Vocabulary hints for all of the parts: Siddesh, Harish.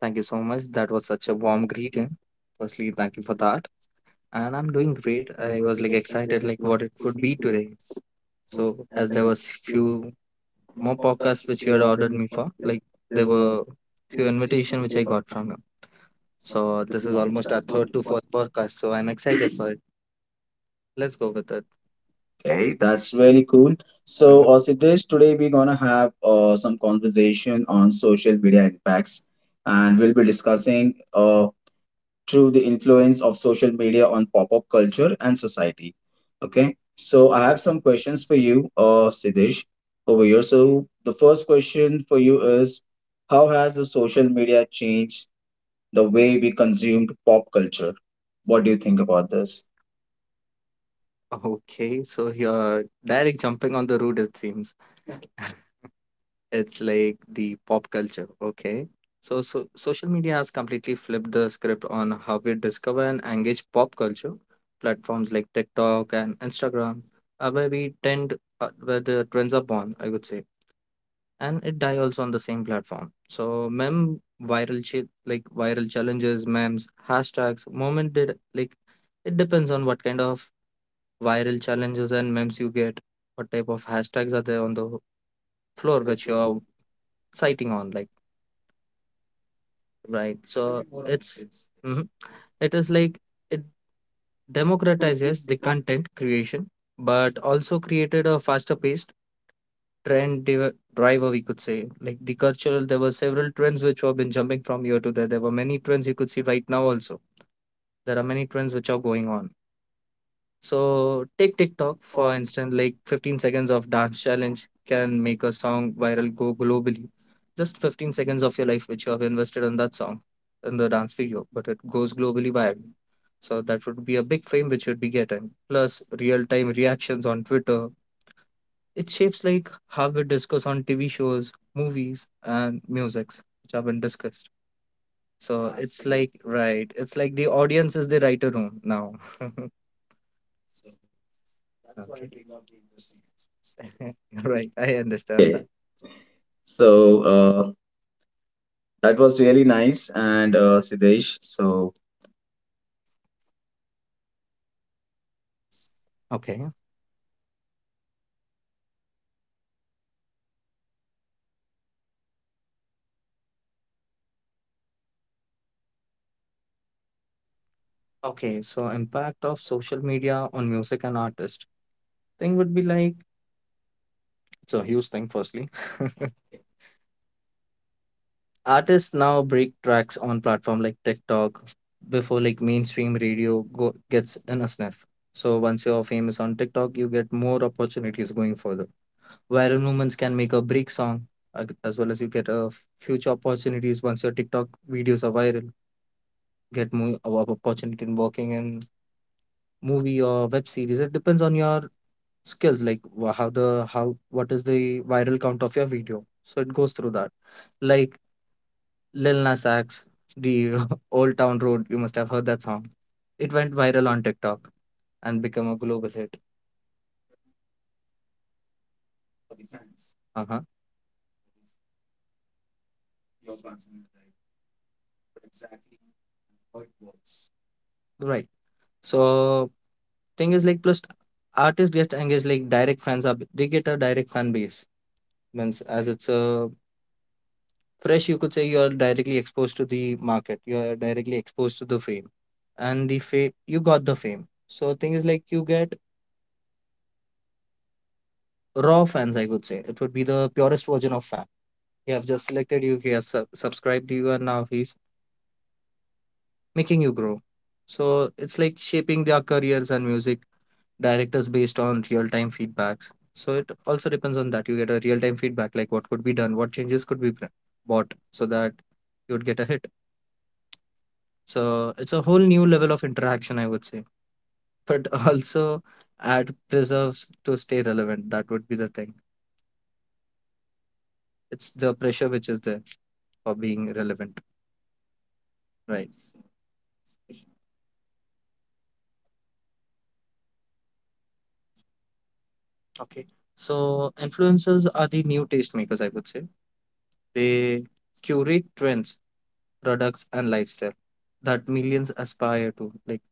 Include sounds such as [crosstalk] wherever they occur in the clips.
Thank you so much. That was such a warm. Firstly, thank you for that. And I'm doing great. I was like excited, like what it be today. So as there was few more podcasts which you had ordered me for, there were few invitation which I got from you. So this is almost our third to fourth podcast. So I'm excited for it. Let's go with it. Okay, that's really cool. So, Uh-huh. Siddesh, today we're gonna have some conversation on social media impacts, and we'll be discussing through the influence of social media on pop-up culture and society. Okay, so I have some questions for you, Siddesh, over here. So, the first question for you is, how has the social media changed the way we consumed pop culture? What do you think about this? Okay, so you're direct jumping on the road, it seems. It's like the pop culture. Okay. So social media has completely flipped the script on how we discover and engage pop culture. Platforms like TikTok and Instagram are where where the trends are born, I would say. And it die also on the same platform. So, mem viral ch like viral challenges, memes, hashtags, moment did like it depends on what kind of viral challenges and memes you get, what type of hashtags are there on the floor which you're citing on, like, right, so it's Mhm, it is like it democratizes the content creation but also created a faster paced driver, we could say, like the cultural, there were several trends which have been jumping from here to there, there were many trends you could see right now also, there are many trends which are going on. So take TikTok for instance, like 15 seconds of dance challenge can make a song viral go globally. Just 15 seconds of your life which you have invested in that song, in the dance video, but it goes globally viral. So that would be a big fame which you'd be getting. Plus real time reactions on Twitter. It shapes like how we discuss on TV shows, movies, and musics which have been discussed. So it's like right, it's like the audience is the writer room now. [laughs] Yeah. [laughs] Right. I understand Okay, that. so That was really nice. And Siddesh, so Okay. Okay, so impact of social media on music and artist thing would be like it's a huge thing firstly. [laughs] Artists now break tracks on platform like TikTok before like mainstream radio go gets in a sniff. So once you're famous on TikTok, you get more opportunities going further. Viral movements can make a break song as well as you get a future opportunities once your TikTok videos are viral. Get more opportunity in working in movie or web series. It depends on your skills, like wha- how the how what is the viral count of your video. So it goes through that. Like Lil Nas X, the [laughs] Old Town Road. You must have heard that song. It went viral on TikTok and become a global hit. Uh huh. Right. So thing is like plus artists get engaged like direct fans are they get a direct fan base, means as it's a fresh, you could say you are directly exposed to the market, you are directly exposed to the fame and the fame, you got the fame. So thing is like you get raw fans, I could say it would be the purest version of fan. You have just selected you he has subscribed you and now he's making you grow. So it's like shaping their careers and music directors based on real-time feedbacks. So it also depends on that, you get a real-time feedback like what could be done, what changes could be bought, so that you would get a hit. So it's a whole new level of interaction, I would say, but [laughs] also add preserves to stay relevant. That would be the thing. It's the pressure which is there for being relevant, right? Okay. So influencers are the new tastemakers, I would say. They curate trends, products, and lifestyle that millions aspire to. Like,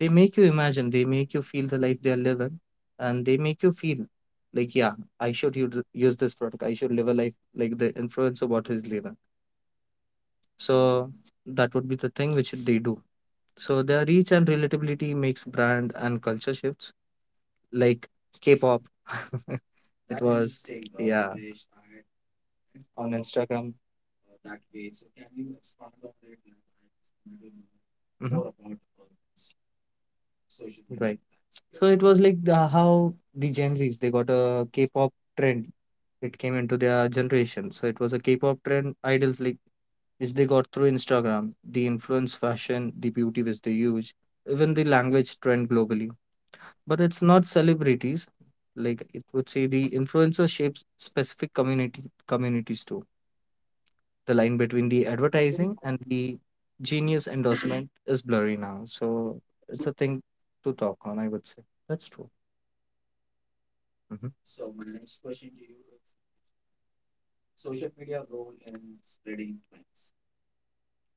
they make you imagine, they make you feel the life they are living, and they make you feel like, yeah, I should use this product. I should live a life like the influencer what he's living. So that would be the thing which they do. So their reach and relatability makes brand and culture shifts, like K-pop. [laughs] It was yeah on Instagram. Mhm. Right. So it was like the, how the Gen Zs they got a K-pop trend. It came into their generation. So it was a K-pop trend idols like which they got through Instagram. The influence, fashion, the beauty which they use, even the language trend globally. But it's not celebrities. Like it would say the influencer shapes specific community communities too. The line between the advertising and the genius endorsement is blurry now. So it's a thing to talk on, I would say. That's true. Mhm.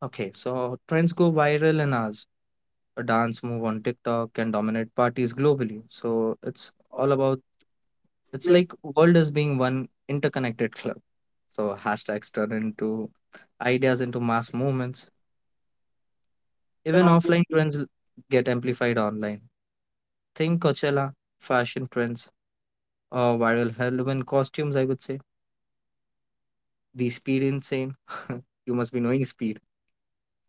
Okay, so trends go viral in hours. A dance move on TikTok can dominate parties globally. So it's all about it's like world is being one interconnected club. So hashtags turn into ideas into mass movements. Even offline get amplified online. Think Coachella, fashion trends, or viral Halloween costumes, I would say. The speed insane. [laughs] You must be knowing speed.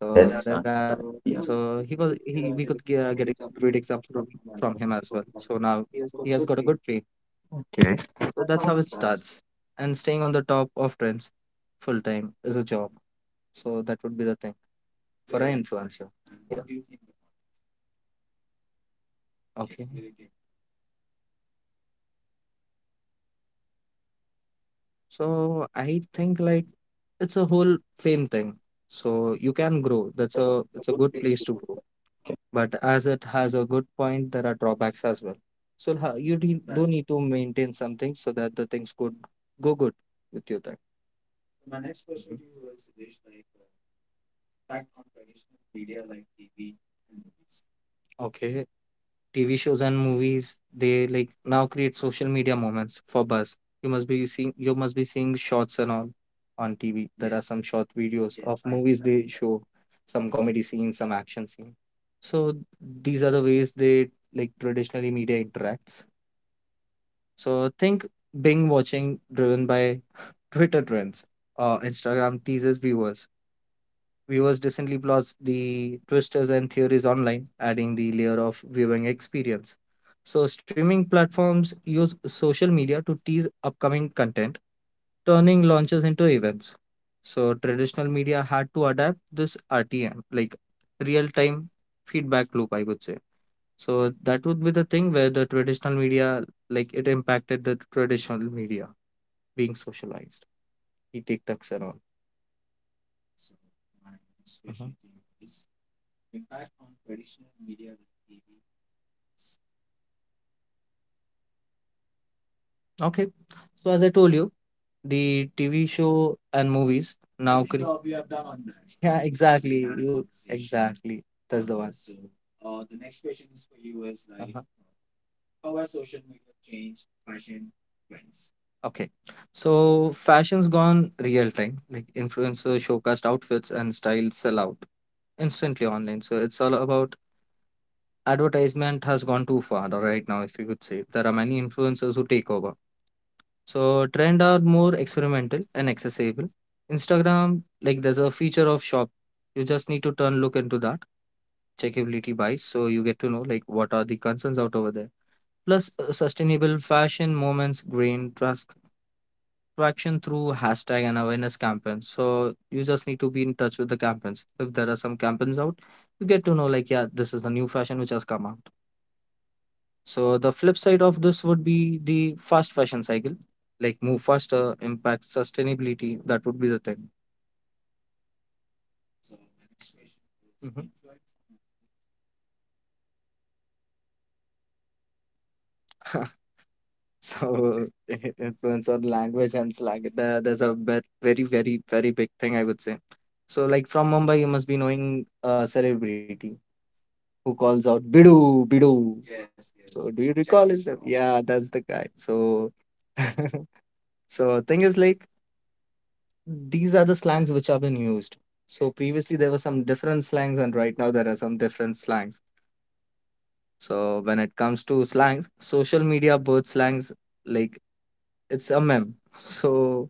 So there are yes, so yeah. he was he we could get a great example from him as well. So now he has got a good pay. So that's how it starts. And staying on the top of trends full time is a job. So that would be the thing for an influencer. Yeah. About okay. So I think like it's a whole fame thing. So you can grow. That's a place to, but as it has a good point, there are drawbacks as well. So do need to maintain something so that the things could go good with you there. Okay, TV shows and movies, they like now create social media moments for buzz. You must be seeing shots and all on TV. There are yes, some short videos of see movies that. They show some comedy scenes, some action scene. So these are the ways they like traditionally media interacts. So think Bing watching driven by Twitter trends or Instagram teases viewers. Viewers decently plots the twisters and theories online, adding the layer of viewing experience. So, streaming platforms use social media to tease upcoming content, turning launches into events. So, traditional media had to adapt this RTM, like real time feedback loop, I would say. So, that would be the thing where the traditional media, like it impacted the traditional media being socialized, the TikToks and all. Okay. So as I told you, the TV show and movies now. Great job you have done on that. Yeah, exactly. Yeah, you conversation. Exactly. That's the one. So, the next question is for you is like, uh-huh. Okay. So fashion's gone real time. Like influencer showcast outfits and styles sell out instantly online. So it's all about advertisement has gone too far right now, if you could say. There are many influencers who take over. So trend are more experimental and accessible. Instagram, like there's a feature of shop. You just need to turn look into that checkability buys, so you get to know like what are the concerns out over there. Plus sustainable fashion moments gain trust traction through hashtag and awareness campaigns. So you just need to be in touch with the campaigns. If there are some campaigns out, you get to know like yeah, this is the new fashion which has come out. So the flip side of this would be the fast fashion cycle, like move faster, impact sustainability. That would be the thing. Mhm. [laughs] So [laughs] influence on language and slang. There's a bit, very, very, very big thing I would say. So like from Mumbai, you must be knowing a celebrity who calls out Bidu, Bidu. So do you recall it? Yeah, that's the guy. So [laughs] so thing is like these are the slangs which have been used. So previously there were some different slangs, and right now there are some different slangs. So when it comes to slangs, social media birth slangs like it's a meme. [laughs] So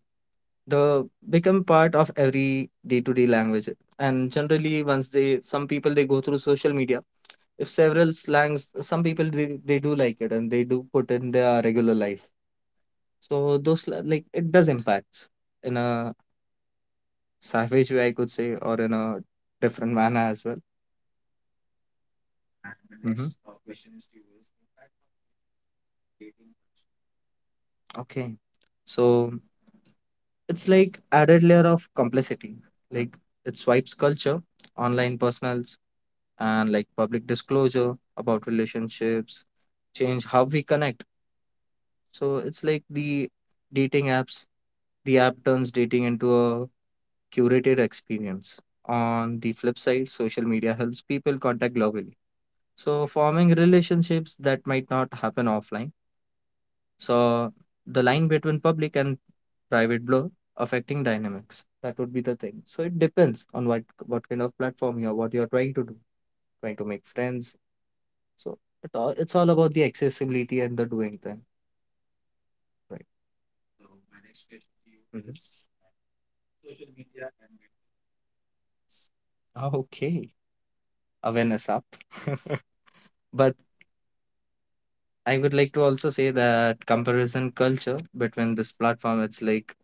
the become part of every day-to-day language. And generally, once they some people they go through social media, if several slangs, some people they do like it and they do put in their regular life. So those like it does impact in a savage way I could say, or in a different manner as well. Mhm. Okay. So it's like added layer of complexity. Like it swipes culture, online personals, and like public disclosure about relationships, change how we connect. So it's like the dating apps. The app turns dating into a curated experience. On the flip side, social media helps people contact globally. So forming relationships that might not happen offline. So the line between public and private blur affecting dynamics. That would be the thing. So it depends on what kind of platform you're, what you're trying to do, trying to make friends. So it's all about the accessibility and the doing thing, right? Mhm. Okay, awareness up. [laughs] But I would like to also say that comparison culture between this platform, it's like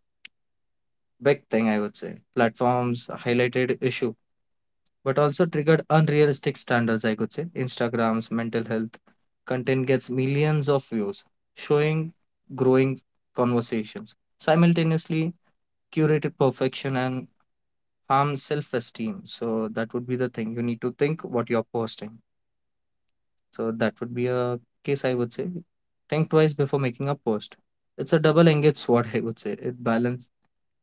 big thing, I would say. Platforms highlighted issue, but also triggered unrealistic standards, I could say. Instagram's mental health content gets millions of views, showing growing conversations. Simultaneously, curated perfection and harm self-esteem. So that would be the thing. You need to think what you're posting. So that would be a case, I would say. Think twice before making a post. It's a double-edged sword, [laughs] I would say. It balance,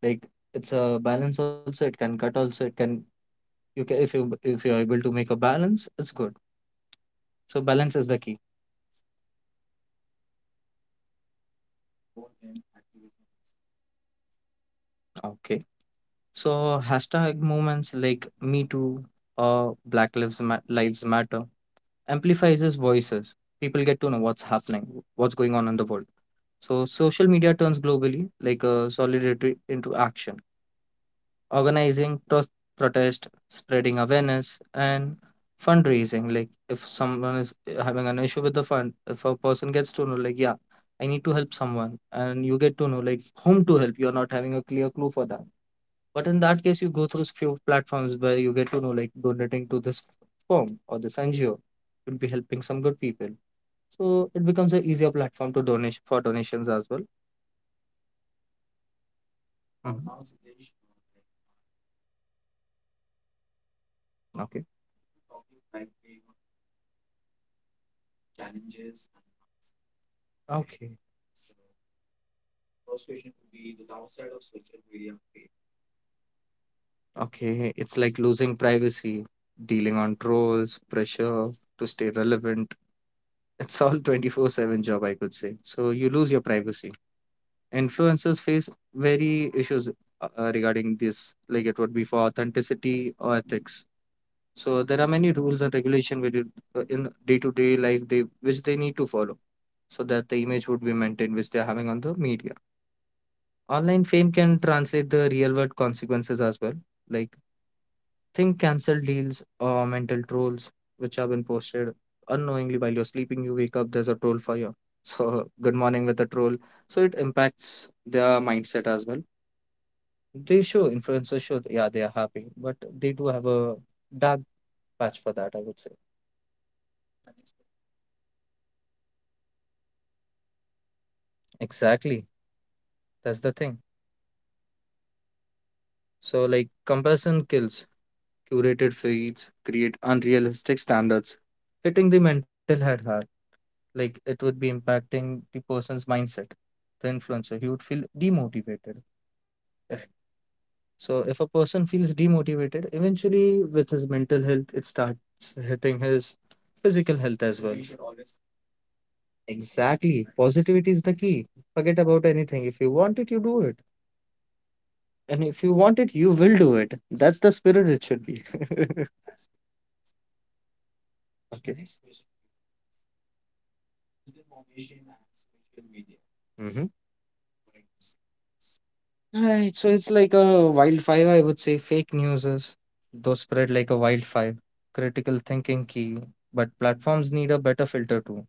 like, it's a balance also. It can cut also. It can, you can, if you if you're able to make a balance, it's good. So balance is the key. Okay. So hashtag movements like Me Too or Black Lives Matter amplifies his voices. People get to know what's happening, what's going on in the world. So social media turns globally like a solidarity into action, organizing pro- protest, spreading awareness, and fundraising. Like if someone is having an issue with the fund, if a person gets to know, like, yeah, I need to help someone, and you get to know like whom to help. You're not having a clear clue for that. But in that case, you go through few platforms where you get to know like donating to this firm or this NGO would be helping some good people. So it becomes an easier platform to donate for donations as well. Mhm. Okay. Okay. Okay, it's like losing privacy, dealing on trolls, pressure to stay relevant. [laughs] It's all 24/7 job, I could say. So you lose your privacy. Influencers face very issues regarding this, like it would be for authenticity or ethics. So there are many rules and regulation with it, in day-to-day life they which they need to follow so that the image would be maintained which they're having on the media. Online fame can translate the real world consequences as well. Like, think cancelled deals or mental trolls which have been posted unknowingly while you're sleeping. You wake up, there's a troll for you. So, [laughs] good morning with a troll. So, it impacts their mindset as well. They show, influencers show, yeah, they are happy, but they do have a dark patch for that, I would say. Exactly. That's the thing. So, like, comparison kills, curated feeds create unrealistic standards, hitting the mental health hard. Like it would be impacting the person's mindset, the influencer, he would feel demotivated. So if a person feels demotivated, eventually with his mental health it starts hitting his physical health as well. Exactly, positivity is the key. Forget about anything, if you want it you do it, and if you want it you will do it. That's the spirit it should be. [laughs] Okay. Mhm. Right, so it's like a wildfire, I would say, fake news is, those spread like a wildfire. Critical thinking key, but platforms need a better filter too.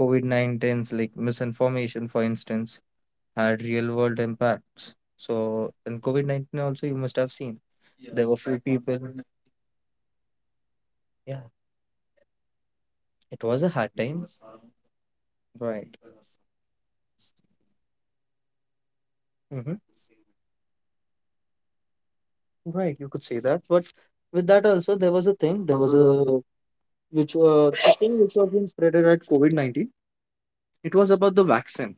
COVID-19's like misinformation, for instance, had real world impacts. So in COVID-19 also you must have seen there were few people. Yeah, it was a hard time. Right. Mm-hmm. Right, you could say that. But with that also there was a thing, there was a, which the thing which was being spreaded at COVID-19. It was about the vaccine.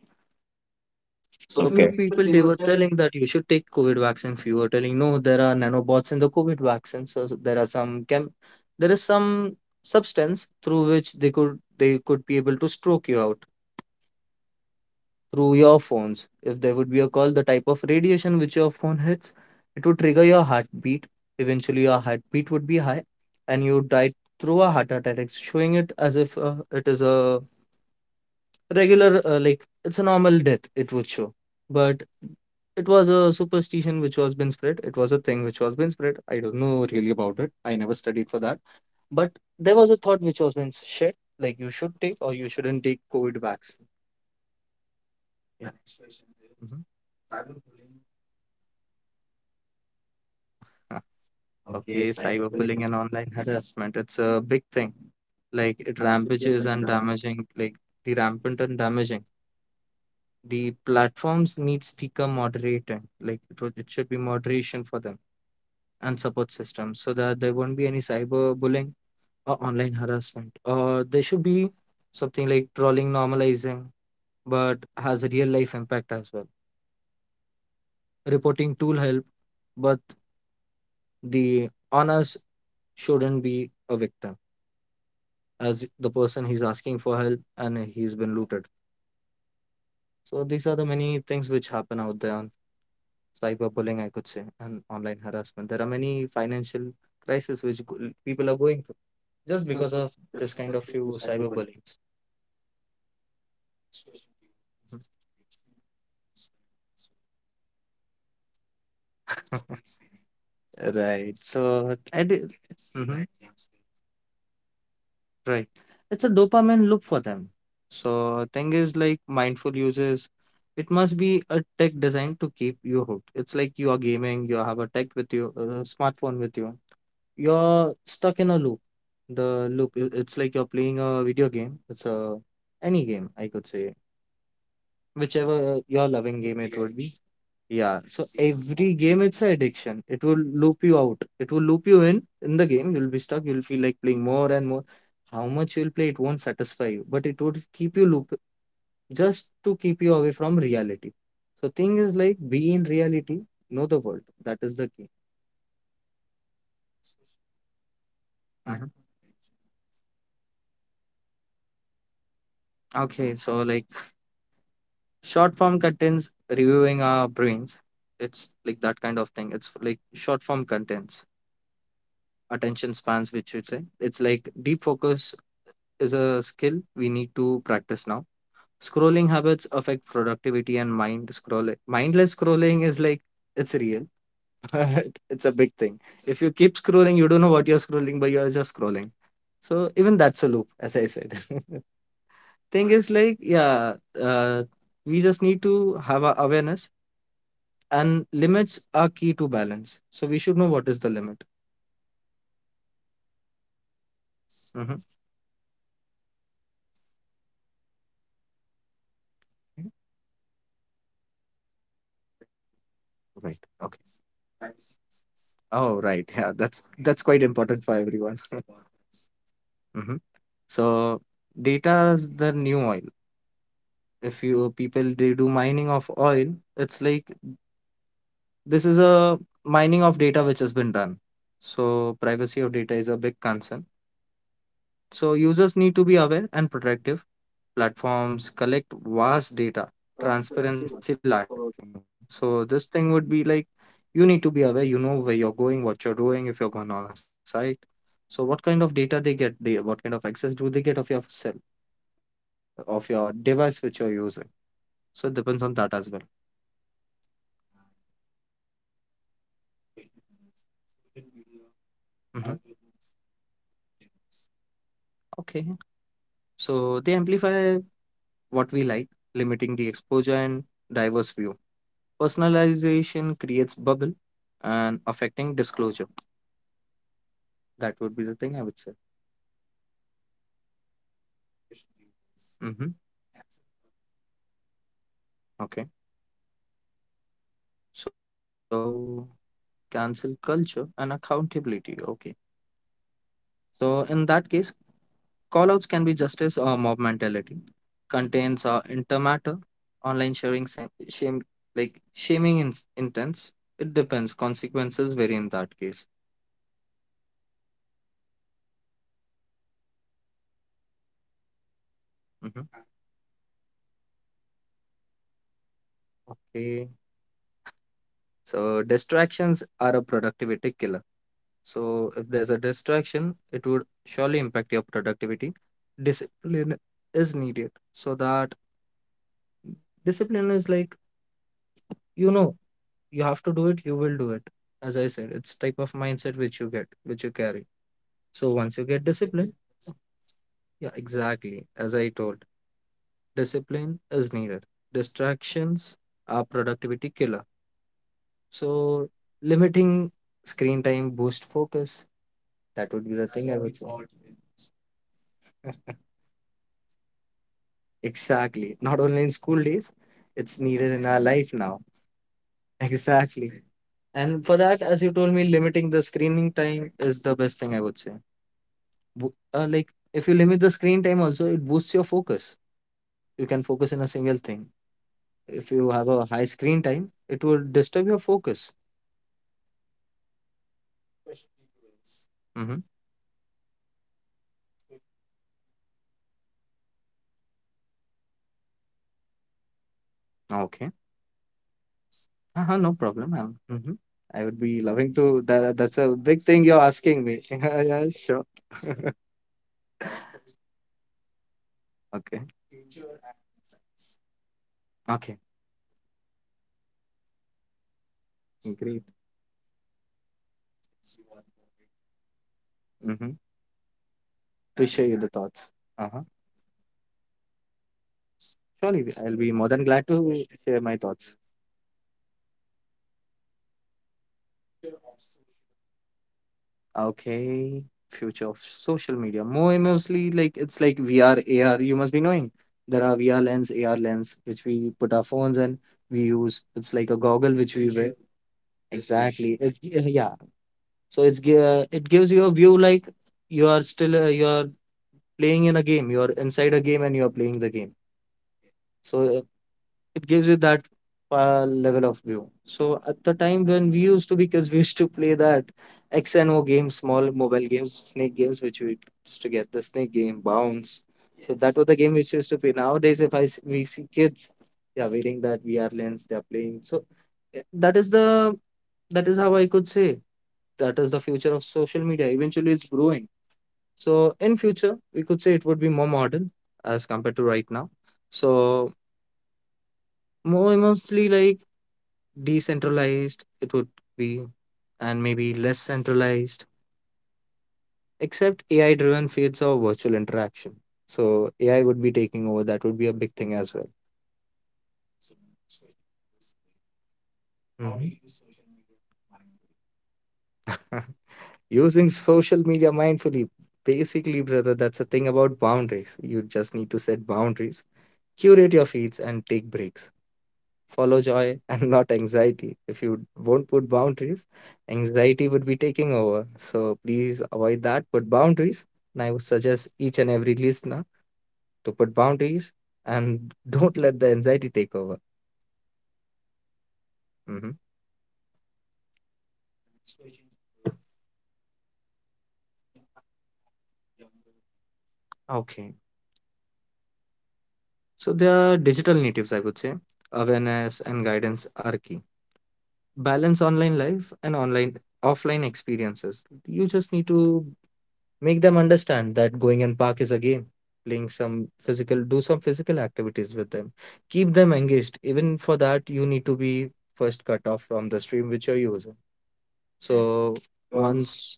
Okay. People, they were telling that you should take COVID vaccine. Few were telling no, there are nanobots in the COVID vaccine. So there are some there is some substance through which they could be able to stroke you out through your phones. If there would be a call, the type of radiation which your phone hits, it would trigger your heartbeat. Eventually, your heartbeat would be high, and you would die through a heart attack, showing it as if it is a regular, like, it's a normal death it would show. But it was a superstition which was been spread, it was a thing which was been spread. I don't know really about it, I never studied for that. But there was a thought which was been shared, like you should take or you shouldn't take COVID vaccine. Yeah. Mhm. Uh, [laughs] cyberbullying and online harassment, it's a big thing. Like it rampages and damaging, like the rampant and damaging, the platforms need sticker moderating, like it should be moderation for them, and support systems so that there won't be any cyber bullying or online harassment, or there should be something like trolling normalizing, but has a real life impact as well. Reporting tool help, but the honors shouldn't be a victim, as the person, he's asking for help and he's been looted. So these are the many things which happen out there on cyberbullying, I could say, and online harassment. There are many financial crises which go- people are going through just because of this kind of few cyberbullying. [laughs] Right. So, and, right. It's a dopamine loop for them. So thing is like, mindful users, it must be a tech designed to keep you hooked. It's like you are gaming, you have a tech with you, a smartphone with you. You're stuck in a loop. The loop, it's like you're playing a video game. It's a, any game, I could say, whichever your loving game it would be. Yeah. So every game it's an addiction. It will loop you out. It will loop you in the game. You'll be stuck. You'll feel like playing more and more. How much you'll play, it won't satisfy you, but it would keep you loop just to keep you away from reality. So thing is like be in reality, know the world. That is the key. Mhm. Okay, so like short form contents reviewing our brains. It's like that kind of thing. It's like short form contents, attention spans which we say, it's like deep focus is a skill we need to practice now. Scrolling habits affect productivity and mindless scrolling is like, it's real, but [laughs] it's a big thing. If you keep scrolling, you don't know what you're scrolling, but you're just scrolling. So even that's a loop, as I said. [laughs] Thing is like, yeah, uh, we just need to have a awareness, and limits are key to balance. So we should know what is the limit. Mhm. Right. Okay. Oh, right. Yeah, that's quite important for everyone. [laughs] Hmm. So data is the new oil. If you, people, they do mining of oil, it's like, this is a mining of data which has been done. So privacy of data is a big concern. So users need to be aware and protective. Platforms collect vast data, transparency lacking. So this thing would be like, you need to be aware, you know where you're going, what you're doing, if you're going on a site. So what kind of data they get, they, what kind of access do they get of your cell, of your device which you're using. So it depends on that as well. Mhm. Okay. So they amplify what we like, limiting the exposure and diverse view. Personalization creates bubble and affecting disclosure. That would be the thing I would say. Mm-hmm. Okay. So cancel culture and accountability. Okay. So in that case, callouts can be justice or mob mentality. Contains intermatter, online sharing, shame, like shaming intents. It depends. Consequences vary in that case. Mm-hmm. Okay. So distractions are a productivity killer. So if there's a distraction, it would surely impact your productivity. Discipline is needed, so that discipline is like, you know, you have to do it, you will do it. As I said, it's type of mindset which you get, which you carry. So once you get discipline, yeah, exactly, as I told, discipline is needed. Distractions are productivity killer. So limiting screen time boost focus. That would be the thing I would say. Exactly. Not only in school days, it's needed in our life now. [laughs] Exactly. And for that, as you told me, limiting the screening time is the best thing I would say. Like, if you limit the screen time, also, it boosts your focus. You can focus in a single thing. If you have a high screen time, it will disturb your focus. Mm-hmm. Okay. Uh-huh, no problem. Hmm, I would be loving to. That's a big thing you're asking me. [laughs] Yeah, yeah, sure. Okay. Okay. Great. Mm-hmm. To share you the thoughts. Uh-huh. Surely, I'll be more than glad to share my thoughts. Okay, future of social media. More Mostly like, it's like VR, AR. You must be knowing there are VR lens, AR lens, which we put our phones and we use. It's like a goggle which we wear. Exactly. It, yeah. Yeah. So it gives you a view like you are still you are playing in a game. You are inside a game and you are playing the game. So uh, it gives you that level of view. So at the time when we used to be kids, [laughs] we used to play that X and O games, small mobile games, snake games, which we used to get the snake game bounce. So that. Yes. Was the game which we used to play. Nowadays, if I s- we see kids, they are wearing that VR lens, they are playing. So eh, that is the that is how I could say that is the future of social media. Eventually, it's growing. So in future, we could say it would be more modern as compared to right now. So more mostly like decentralized it would be, and maybe less centralized except AI driven fields of virtual interaction. So AI would be taking over. That would be a big thing as well. Mhm. [laughs] Using social media mindfully, basically brother, that's a thing about boundaries. You just need to set boundaries, curate your feeds and take breaks. Follow joy [laughs] and not anxiety. If you won't put boundaries, anxiety would be taking over. So please avoid that. Put boundaries. And I would suggest each and every listener to put boundaries and [laughs] don't let the anxiety take over. Hmm. Okay. So they are digital natives, I would say. Awareness and guidance are key. Balance online life and online offline experiences. You just need to make them understand that going in park is a game. Playing some physical, do some physical activities with them. Keep them engaged. Even for that, you need to be first cut off from the stream which you're using. So once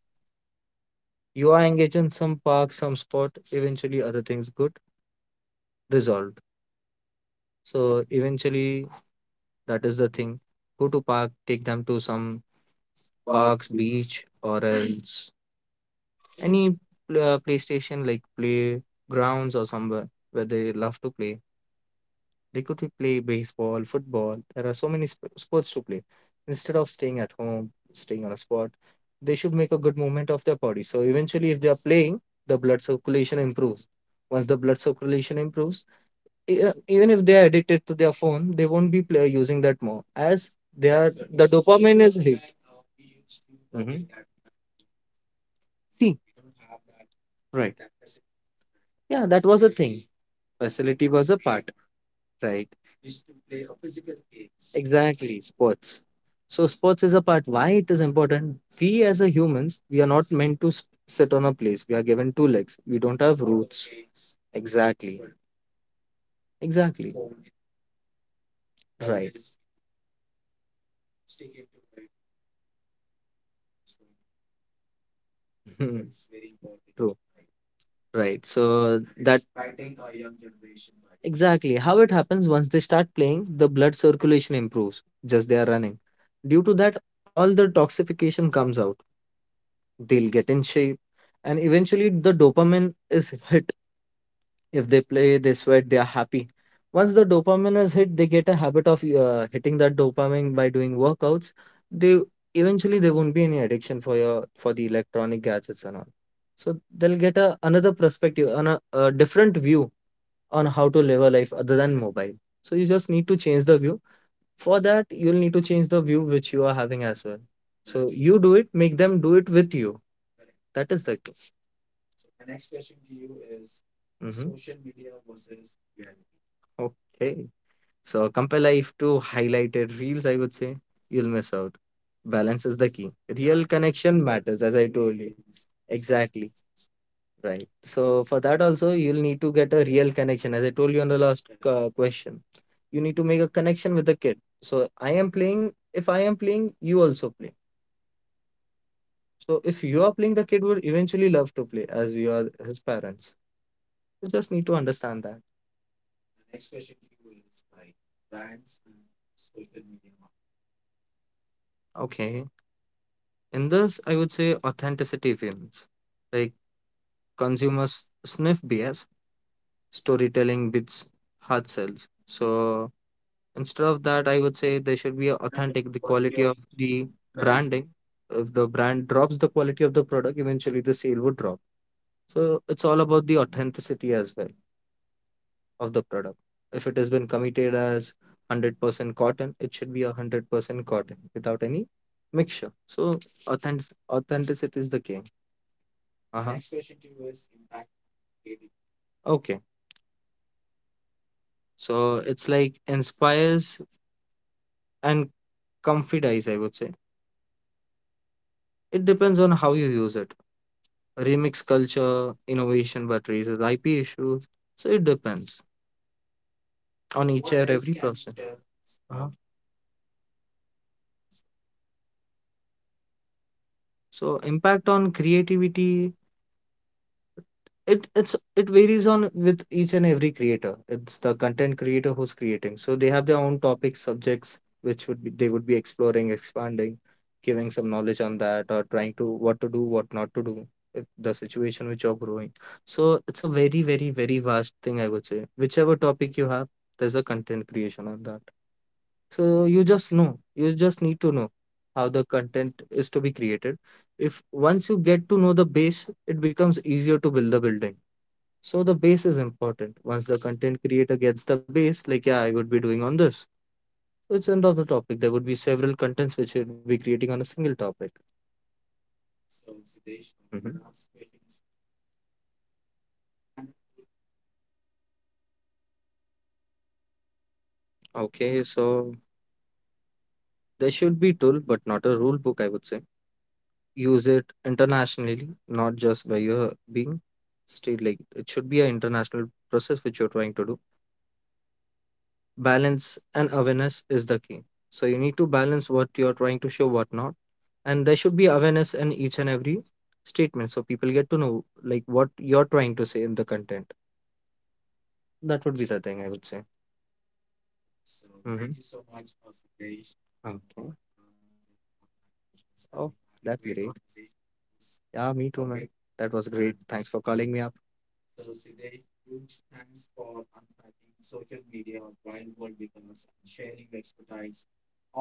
you are engaged in some park, some sport, eventually other things get resolved. So eventually that is the thing. Go to park, take them to some parks, beach, or else any playstation like playgrounds or somewhere where they love to play. They could play baseball, football. There are so many sports to play. Instead of staying at home, staying on a spot, they should make a good movement of their body. So eventually, if they are playing, the blood circulation improves. Once the blood circulation improves, even if they are addicted to their phone, they won't be using that more as they are the dopamine is hit. Mhm. See, right. Yeah, that was a thing. Facility was a part. Right. Exactly, sports. So sports is a part, why it is important. We as a humans, we are not meant to sit on a place. We are given two legs, we don't have roots. Exactly. Exactly. Right. [laughs] True. Right. So that. Exactly. How it happens, once they start playing, the blood circulation improves. Just they are running. Due to that, all the toxification comes out. They'll get in shape, and eventually the dopamine is hit. If they play, they sweat, they are happy. Once the dopamine is hit, they get a habit of hitting that dopamine by doing workouts. They eventually there won't be any addiction for your for the electronic gadgets and all. So they'll get a another perspective, on a different view on how to live a life other than mobile. So you just need to change the view. For that, you'll need to change the view which you are having as well. So you do it, make them do it with you. That is the. Mhm. Okay. So compare life to highlighted reels, I would say you'll miss out. Balance is the key. Real connection matters, as I told you. Exactly. Right. So for that also, you'll need to get a real connection. As I told you on the last question, you need to make a connection with the kid. So I am playing. If I am playing, you also play. So if you are playing, the kid would eventually love to play as you are his parents. You just need to understand that. Okay. In this, I would say authenticity wins. Like consumers sniff BS, storytelling beats hard sells. So instead of that, I would say there should be a authentic, the quality of the branding. If the brand drops the quality of the product, eventually the sale would drop. So it's all about the authenticity as well of the product. If it has been committed as 100% cotton, it should be 100% cotton without any mixture. So authentic authenticity is the king. Uh-huh. Next question to you is impact. Okay. So it's like inspires and comfortize, I would say. It depends on how you use it. Remix culture, innovation, but raises IP issues. So it depends on each and every person. Uh-huh. So impact on creativity, it varies on with each and every creator. It's the content creator who's creating, so they have their own topics, subjects which would be, they would be exploring, expanding, giving some knowledge on that, or trying to what to do, what not to do, if the situation which you're growing. So it's a very very very vast thing, I would say. Whichever topic you have, there's a content creation on that. So you just need to know how the content is to be created. If once you get to know the base, it becomes easier to build the building. So the base is important. Once the content creator gets the base, like yeah I would be doing on this. So it's end of the topic, there would be several contents which you would be creating on a single topic. Mhm. Okay. So there should be tool but not a rule book, I would say. Use it internationally, not just where you're being stayed. Like it should be an international process which you're trying to do. Balance and awareness is the key. So you need to balance what you're trying to show, what not. And there should be awareness in each and every statement, so people get to know like what you're trying to say in the content. That would be the thing, I would say. Mm-hmm. Okay. Oh, that's great. Great conversation. Yeah, me too man. Okay. That was great, thanks for calling me up.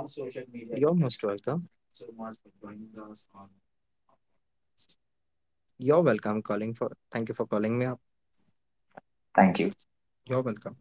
On social media. You're most welcome. You're welcome, calling for, thank you for calling me up. You're welcome.